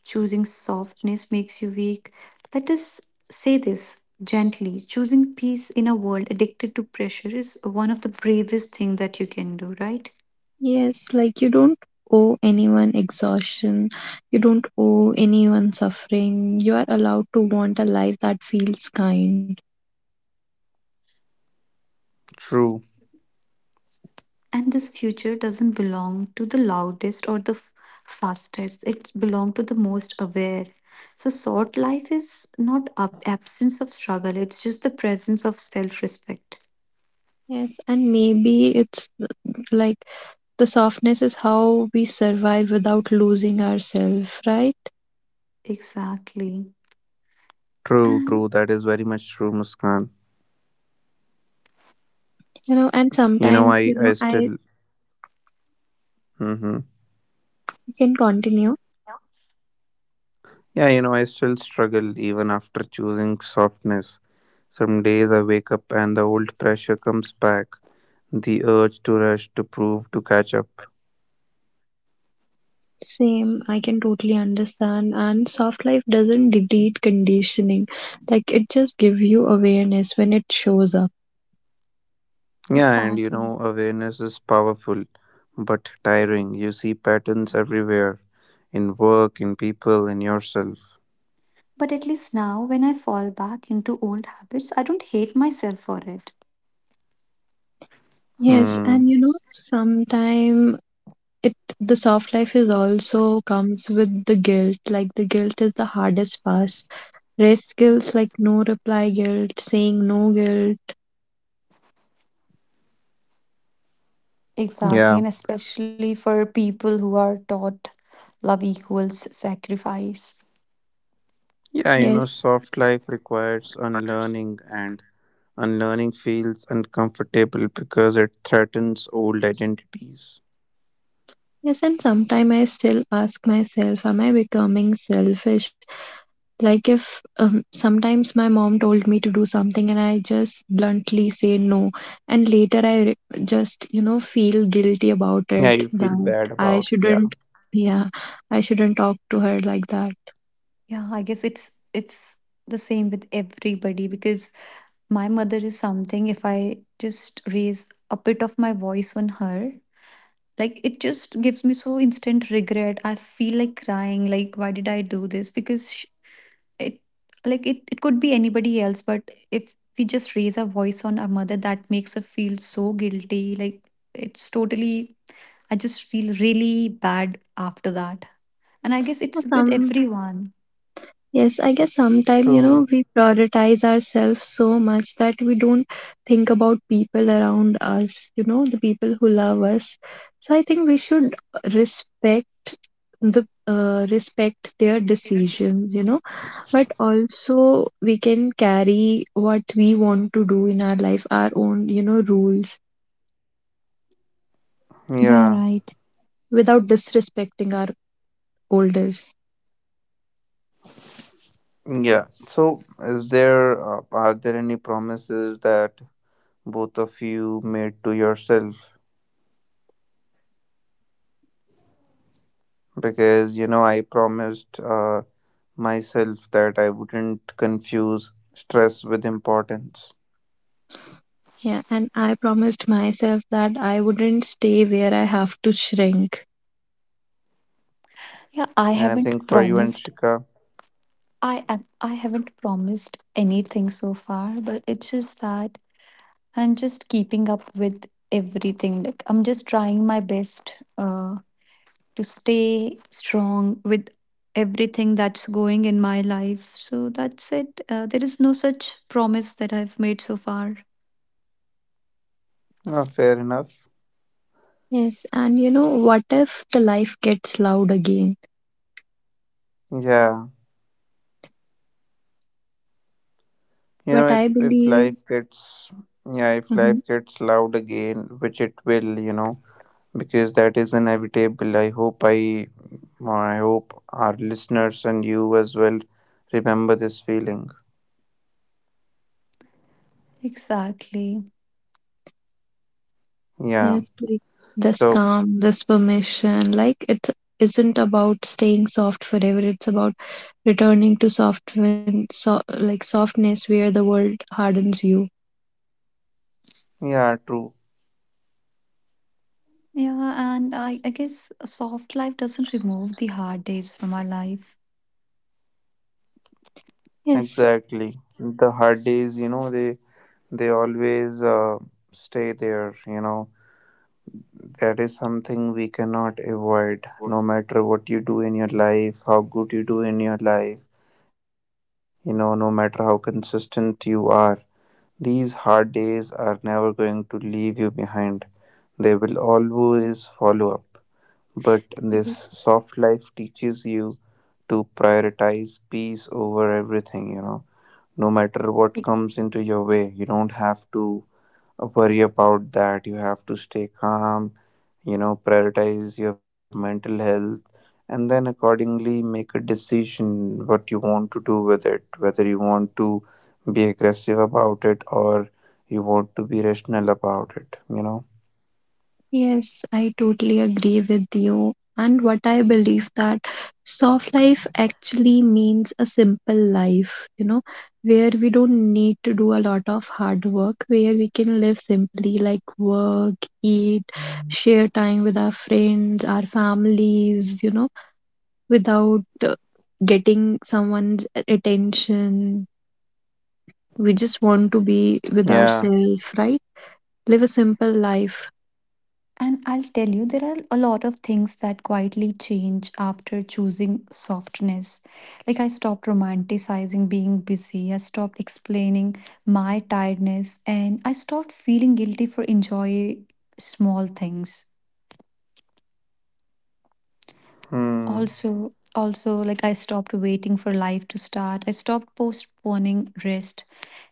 Speaker 2: choosing softness makes you weak, let us say this gently. Choosing peace in a world addicted to pressure is one of the bravest things that you can do, right?
Speaker 3: Yes, like you don't owe anyone exhaustion, you don't owe anyone suffering. You are allowed to want a life that feels kind.
Speaker 1: True,
Speaker 2: And this future doesn't belong to the loudest or the fastest. It belongs to the most aware. So short life is not absence of struggle, it's just the presence of self-respect.
Speaker 3: Yes, and maybe it's like the softness is how we survive without losing ourselves, right?
Speaker 2: Exactly.
Speaker 1: true, true. That is
Speaker 2: And
Speaker 1: very much true, Muskan.
Speaker 3: You know, and
Speaker 1: You know, I,
Speaker 3: sometimes,
Speaker 1: I
Speaker 3: you know,
Speaker 1: still,
Speaker 3: I
Speaker 1: hmm,
Speaker 3: can continue.
Speaker 1: yeah, you know, I still struggle even after choosing softness. Some days I wake up and the old pressure comes back, the urge to rush, to prove, to catch up.
Speaker 3: Same, I can totally understand. And soft life doesn't delete conditioning, like it just give you awareness when it shows up.
Speaker 1: Yeah, and you
Speaker 2: exactly.
Speaker 1: know, awareness is powerful but tiring. You see patterns everywhere in work, in people, in yourself.
Speaker 2: But at least now, when I fall back into old habits, I don't hate myself for it.
Speaker 3: Yes,
Speaker 1: Hmm.
Speaker 3: and you know, sometime it the soft life is also comes with the guilt. Like the guilt is the hardest part. Rest guilt, like no reply guilt, saying no guilt.
Speaker 2: Exactly,
Speaker 1: Yeah.
Speaker 2: and especially for people who are taught love equals sacrifice.
Speaker 1: Yeah, you know,
Speaker 3: Yes.
Speaker 1: soft life requires unlearning, and unlearning feels uncomfortable because it threatens old identities.
Speaker 3: Yes, and sometimes I still ask myself, am I becoming selfish? Like, if sometimes my mom told me to do something and I just bluntly say no, and just, you know, feel guilty about
Speaker 1: Yeah,
Speaker 3: it
Speaker 1: you feel
Speaker 3: that
Speaker 1: bad
Speaker 3: I
Speaker 1: about it. Yeah,
Speaker 3: shouldn't, yeah, I shouldn't talk to her like that.
Speaker 2: Yeah, I guess it's the same with everybody. Because my mother is something, if I just raise a bit of my voice on her, like it just gives me so instant regret. I feel like crying, like why did I do this? Because it like it could be anybody else. But if we just raise our voice on our mother, that makes her feel so guilty. Like it's totally I just feel really bad after that. And I guess it's with
Speaker 3: Some,
Speaker 2: everyone.
Speaker 3: yes, I guess sometimes, you
Speaker 1: true.
Speaker 3: know, we prioritize ourselves so much that we don't think about people around us, you know, the people who love us. So I think we should respect the respect their decisions, you know, but also we can carry what we want to do in our life, our own, you know, rules
Speaker 2: Yeah,
Speaker 1: Yeah,
Speaker 2: right.
Speaker 3: without disrespecting our elders.
Speaker 1: yeah. So, is there are there any promises that both of you made to yourself? Because you know, I promised myself that I wouldn't confuse stress with importance,
Speaker 3: Yeah, and I promised myself that I wouldn't stay where I have to shrink.
Speaker 2: Yeah, i
Speaker 1: and I
Speaker 2: haven't
Speaker 1: think for you and
Speaker 2: promised
Speaker 1: Shika,
Speaker 2: i am i haven't promised anything so far, but it's just that I'm just keeping up with everything. Like I'm just trying my best to stay strong with everything that's going in my life. So that's it. There is no such promise that I've made so far.
Speaker 1: fair enough.
Speaker 3: Yes, and you know, what if the life gets loud again?
Speaker 1: Yeah. You know,
Speaker 3: But I
Speaker 1: if if
Speaker 3: believe,
Speaker 1: life gets yeah, if
Speaker 3: hmm,
Speaker 1: life gets loud again, which it will, you know, because that is inevitable. I hope our listeners and you as well remember this feeling.
Speaker 2: Exactly.
Speaker 1: Yeah.
Speaker 3: yes, like this
Speaker 1: So
Speaker 3: calm, this permission, like it isn't about staying soft forever. It's about returning to soft when, so, like softness where the world hardens you.
Speaker 1: yeah, true.
Speaker 2: Yeah, and I guess a soft life doesn't remove the hard days from our life.
Speaker 3: Yes.
Speaker 1: Exactly. The hard days, you know, they always stay there. You know, that is something we cannot avoid. No matter what you do in your life, how good you do in your life, you know, no matter how consistent you are, these hard days are never going to leave you behind. They will always follow up, but this
Speaker 2: Mhm.
Speaker 1: soft life teaches you to prioritize peace over everything, you know, no matter what comes into your way, you don't have to worry about that. You have to stay calm, you know, prioritize your mental health, and then accordingly make a decision what you want to do with it, whether you want to be aggressive about it or you want to be rational about it, you know.
Speaker 3: Yes, I totally agree with you. And what I believe that soft life actually means a simple life, you know, where we don't need to do a lot of hard work, where we can live simply like work, eat, share time with our friends, our families, you know, without getting someone's attention. We just want to be with
Speaker 1: Yeah.
Speaker 3: ourselves, right? Live a simple life.
Speaker 2: And I'll tell you, there are a lot of things that quietly change after choosing softness. Like, I stopped romanticizing being busy, I stopped explaining my tiredness, and I stopped feeling guilty for enjoying small things.
Speaker 1: Hmm.
Speaker 2: Also, also like I stopped waiting for life to start. I stopped postponing rest,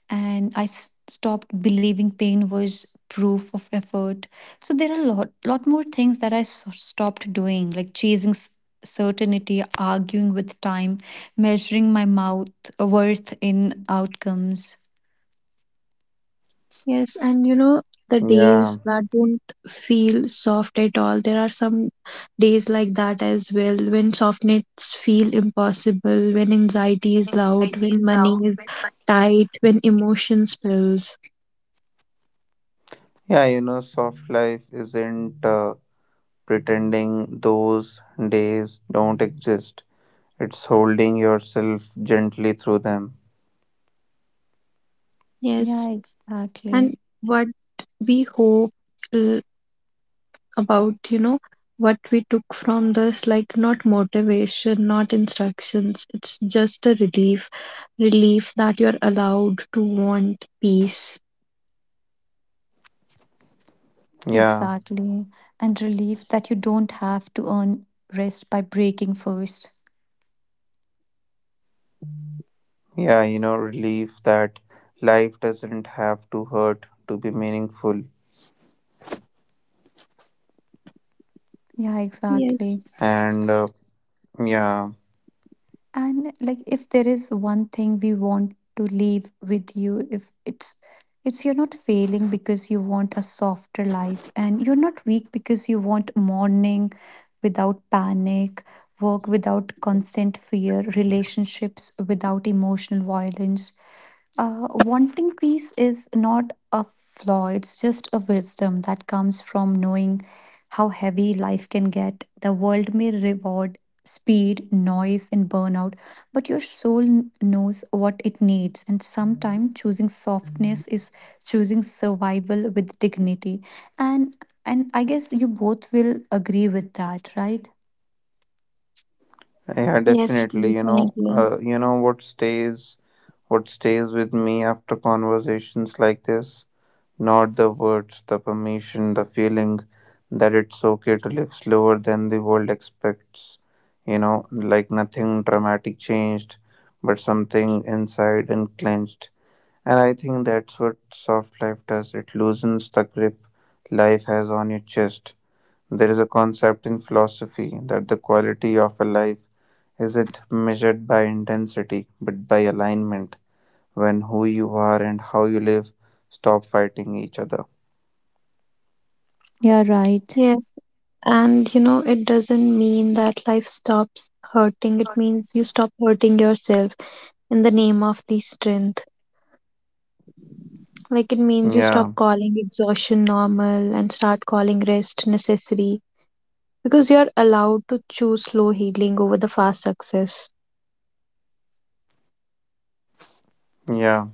Speaker 2: and I stopped believing pain was proof of effort. So there are a lot more things that I stopped doing, like chasing certainty, arguing with time, measuring my mouth worth in outcomes.
Speaker 3: Yes, and you know, the
Speaker 1: Yeah.
Speaker 3: days that don't feel soft at all. There are some days like that as well when softness feel impossible, when anxiety is loud, when money is tight, when emotion spills.
Speaker 1: Yeah, you know, soft life isn't pretending those days don't exist. It's holding yourself gently through them.
Speaker 2: Yeah,
Speaker 3: Yes, and
Speaker 2: exactly.
Speaker 3: what we hope, uh, about, you know, what we took from this, like not motivation, not instructions, it's just a relief, relief that you're allowed to want peace.
Speaker 1: Yeah.
Speaker 2: Exactly. And relief that you don't have to earn rest by breaking first.
Speaker 1: Yeah, you know, relief that life doesn't have to hurt to be meaningful.
Speaker 2: Yeah, exactly.
Speaker 3: Yes.
Speaker 1: And yeah,
Speaker 2: And like if there is one thing we want to leave with you, if it's you're not failing because you want a softer life, and you're not weak because you want morning without panic, work without constant fear, relationships without emotional violence. Wanting peace is not a flaw, it's just a wisdom that comes from knowing how heavy life can get. The world may reward speed, noise, and burnout, but your soul knows what it needs. And sometimes choosing softness is choosing survival with dignity. And and I guess you both will agree with that, right?
Speaker 1: yeah,
Speaker 3: Yes,
Speaker 1: definitely.
Speaker 3: definitely.
Speaker 1: You know what what stays with me after conversations like this, not the words, the permission, the feeling that it's okay to live slower than the world expects. You know, like nothing dramatic changed, but something inside and clenched. And I think that's what soft life does, it loosens the grip life has on your chest. There is a concept in philosophy that the quality of a life isn't measured by intensity but by alignment, when who you are and how you live stop fighting each other.
Speaker 2: Yeah, right.
Speaker 3: Yes, and you know, it doesn't mean that life stops hurting. It means you stop hurting yourself in the name of the strength. Like it means you stop
Speaker 1: Yeah,
Speaker 3: calling exhaustion normal and start calling rest necessary, because you're allowed to choose slow healing over the fast success.
Speaker 1: yeah.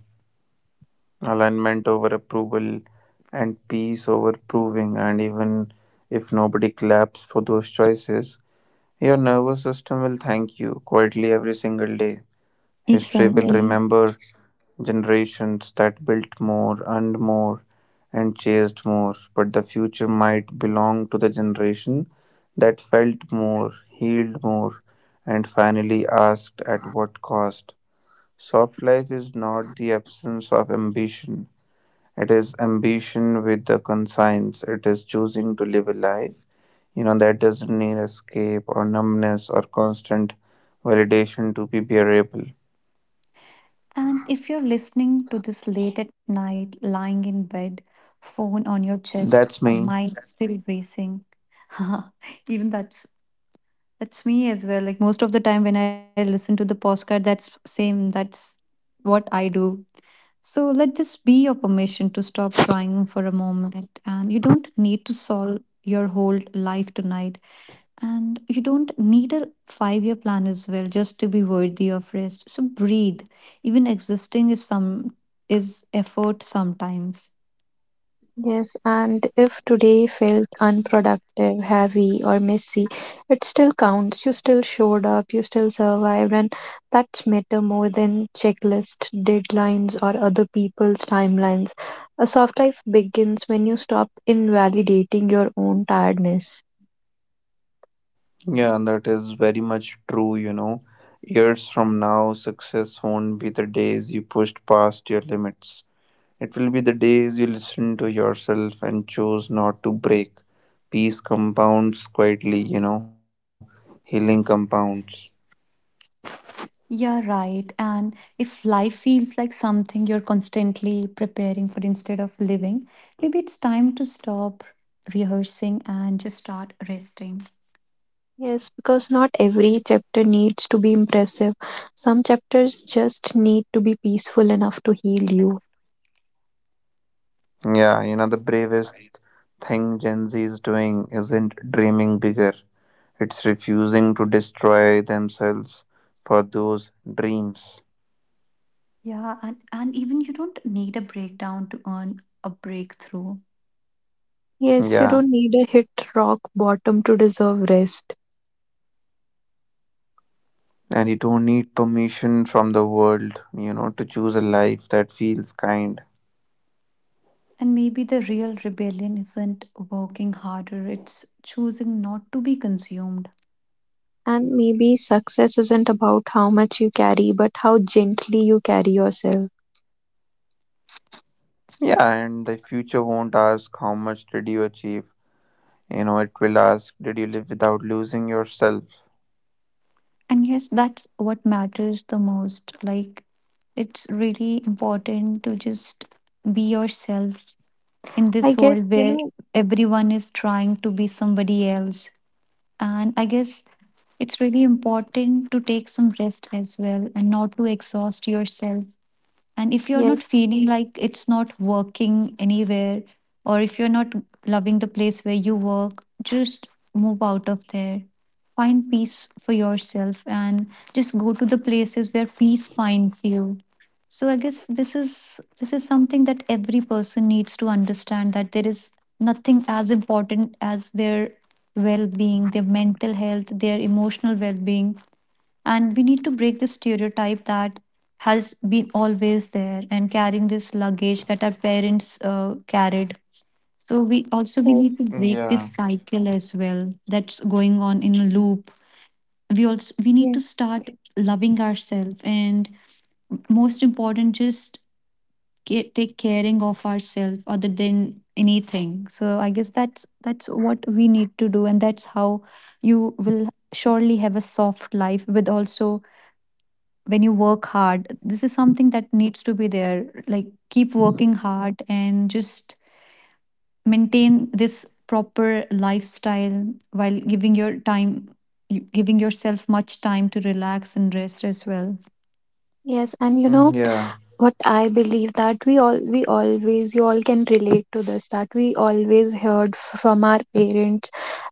Speaker 1: Alignment over approval and peace over proving, and even if nobody claps for those choices, your nervous system will thank you quietly every single day. History will
Speaker 2: Exactly.
Speaker 1: remember generations that built more, earned more, and chased more, but the future might belong to the generation that felt more, healed more, and finally asked at what cost. Soft life is not the absence of ambition, it is ambition with the conscience. It is choosing to live a life, you know, that doesn't need escape or numbness or constant validation to be bearable.
Speaker 2: And if you're listening to this late at night, lying in bed, phone on your chest, a
Speaker 1: That's me.
Speaker 2: mind still racing, [laughs] even that's me as well. Like most of the time when I listen to the postcard, that's same. That's what I do. So let this be your permission to stop trying for a moment, and you don't need to solve your whole life tonight. And you don't need a 5-year plan as well just to be worthy of rest. So breathe. Even existing is some is effort sometimes.
Speaker 3: Yes, and if today felt unproductive, heavy, or messy, it still counts. You still showed up, you still survived, and that's matter more than checklist, deadlines, or other people's timelines. A soft life begins when you stop invalidating your own tiredness.
Speaker 1: Yeah, and that is very much true, you know. Years from now, success won't be the days you pushed past your limits. It will be the days you listen to yourself and choose not to break. Peace compounds quietly, you know, healing compounds.
Speaker 2: Yeah, right. And if life feels like something you're constantly preparing for instead of living, maybe it's time to stop rehearsing and just start resting.
Speaker 3: Yes, because not every chapter needs to be impressive. Some chapters just need to be peaceful enough to heal you.
Speaker 1: Yeah, you know, the bravest thing Gen Z is doing isn't dreaming bigger, it's refusing to destroy themselves for those dreams.
Speaker 2: Yeah, and even you don't need a breakdown to earn a breakthrough.
Speaker 3: Yes, you
Speaker 1: Yeah,
Speaker 3: don't need a hit rock bottom to deserve rest.
Speaker 1: and you don't need permission from the world, you know, to choose a life that feels kind.
Speaker 2: And maybe the real rebellion isn't working harder, it's choosing not to be consumed.
Speaker 3: And maybe success isn't about how much you carry, but how gently you carry yourself.
Speaker 1: Yeah, and the future won't ask how much did you achieve, you know, it will ask did you live without losing yourself.
Speaker 2: And yes, that's what matters the most. Like, it's really important to just be yourself in
Speaker 3: I
Speaker 2: this
Speaker 3: guess,
Speaker 2: world
Speaker 3: you
Speaker 2: where
Speaker 3: know,
Speaker 2: everyone is trying to be somebody else. And I guess it's really important to take some rest as well and not to exhaust yourself. And if you're not
Speaker 3: yes,
Speaker 2: feeling like it's not working anywhere, or if you're not loving the place where you work, just move out of there. Find peace for yourself and just go to the places where peace finds you. So I guess this is something that every person needs to understand, that there is nothing as important as their well-being, their mental health, their emotional well-being. And we need to break the stereotype that has been always there and carrying this luggage that our parents carried. So we also we need
Speaker 3: yes,
Speaker 2: to break this
Speaker 1: Yeah,
Speaker 2: cycle as well that's going on in a loop. We also we need
Speaker 3: yes,
Speaker 2: to start loving ourselves, and most important, just take caring of ourselves other than anything. So I guess that's what we need to do. And that's how you will surely have a soft life. With also, when you work hard, this is something that needs to be there, like keep working hard, and just maintain this proper lifestyle while giving yourself much time to relax and rest as well.
Speaker 3: yes. And you know,
Speaker 1: yeah.
Speaker 3: what I believe that we all, we always, you all can relate to this, that we always heard from our parents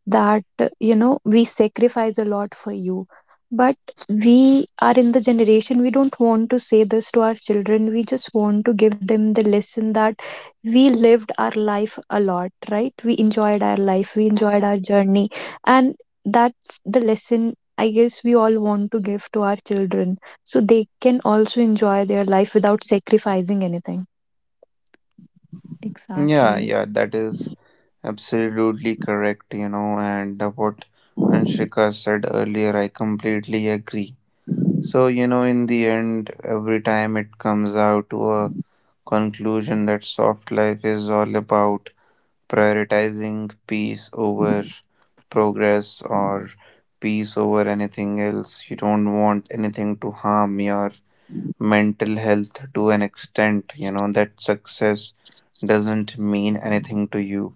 Speaker 3: that, you know, we sacrifice a lot for you, but we are in the generation, we don't want to say this to our children. We just want to give them the lesson that we lived our life a lot, right? We enjoyed our life, we enjoyed our journey, and that's the lesson I guess we all want to give to our children, so they can also enjoy their life without sacrificing anything.
Speaker 1: Yeah,
Speaker 2: Exactly.
Speaker 1: yeah, that is absolutely correct, you know, and what Anshika said earlier, I completely agree. So, you know, in the end, every time it comes out to a conclusion that soft life is all about prioritizing peace over progress or peace over anything else. You don't want anything to harm your mental health to an extent, you know, that success doesn't mean anything to you.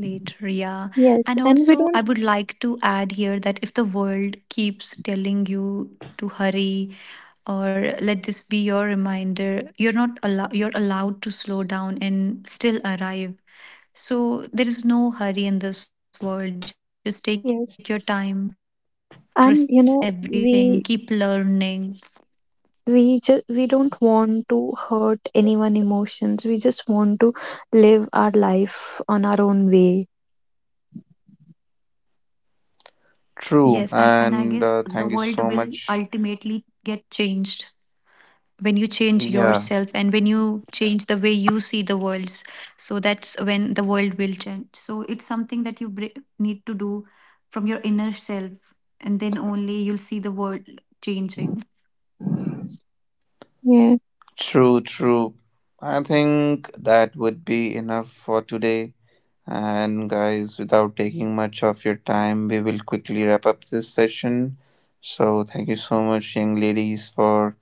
Speaker 2: Later, yeah.
Speaker 3: Yes,
Speaker 2: And
Speaker 3: and we
Speaker 2: also,
Speaker 3: don't.
Speaker 2: I would like to add here that if the world keeps telling you to hurry, or let this be your reminder: you're not allowed, you're allowed to slow down and still arrive. So there is no hurry in this world. Just take your time, process
Speaker 3: Yes.
Speaker 2: everything, keep
Speaker 3: And you
Speaker 2: learning.
Speaker 3: know, we just, we don't want to hurt anyone emotions. We just want to live our life on our own way.
Speaker 2: Yes, and I
Speaker 1: True,
Speaker 2: guess the world
Speaker 1: and
Speaker 2: will
Speaker 1: thank you so
Speaker 2: ultimately
Speaker 1: much.
Speaker 2: get changed when you change yourself and when
Speaker 1: Yeah,
Speaker 2: you change the way you see the world. So that's when the world will change. So it's something that you need to do from your inner self, and then only you'll see the world changing.
Speaker 3: Yes.
Speaker 1: true, true. I think that would be enough for today. And guys, without taking much of your time, we will quickly wrap up this session. So, thank you so much, young ladies, for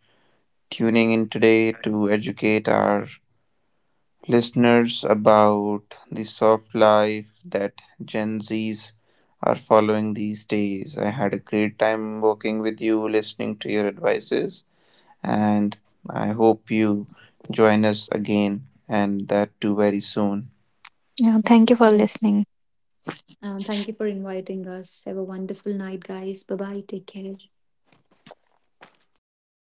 Speaker 1: tuning in today to educate our listeners about the soft life that Gen Zs are following these days. I had a great time working with you, listening to your advices, and I hope you join us again and that too very soon.
Speaker 3: Yeah. Thank you for
Speaker 2: Yes.
Speaker 3: listening.
Speaker 2: Thank you for inviting us. Have a wonderful night, guys. Bye bye. Take care.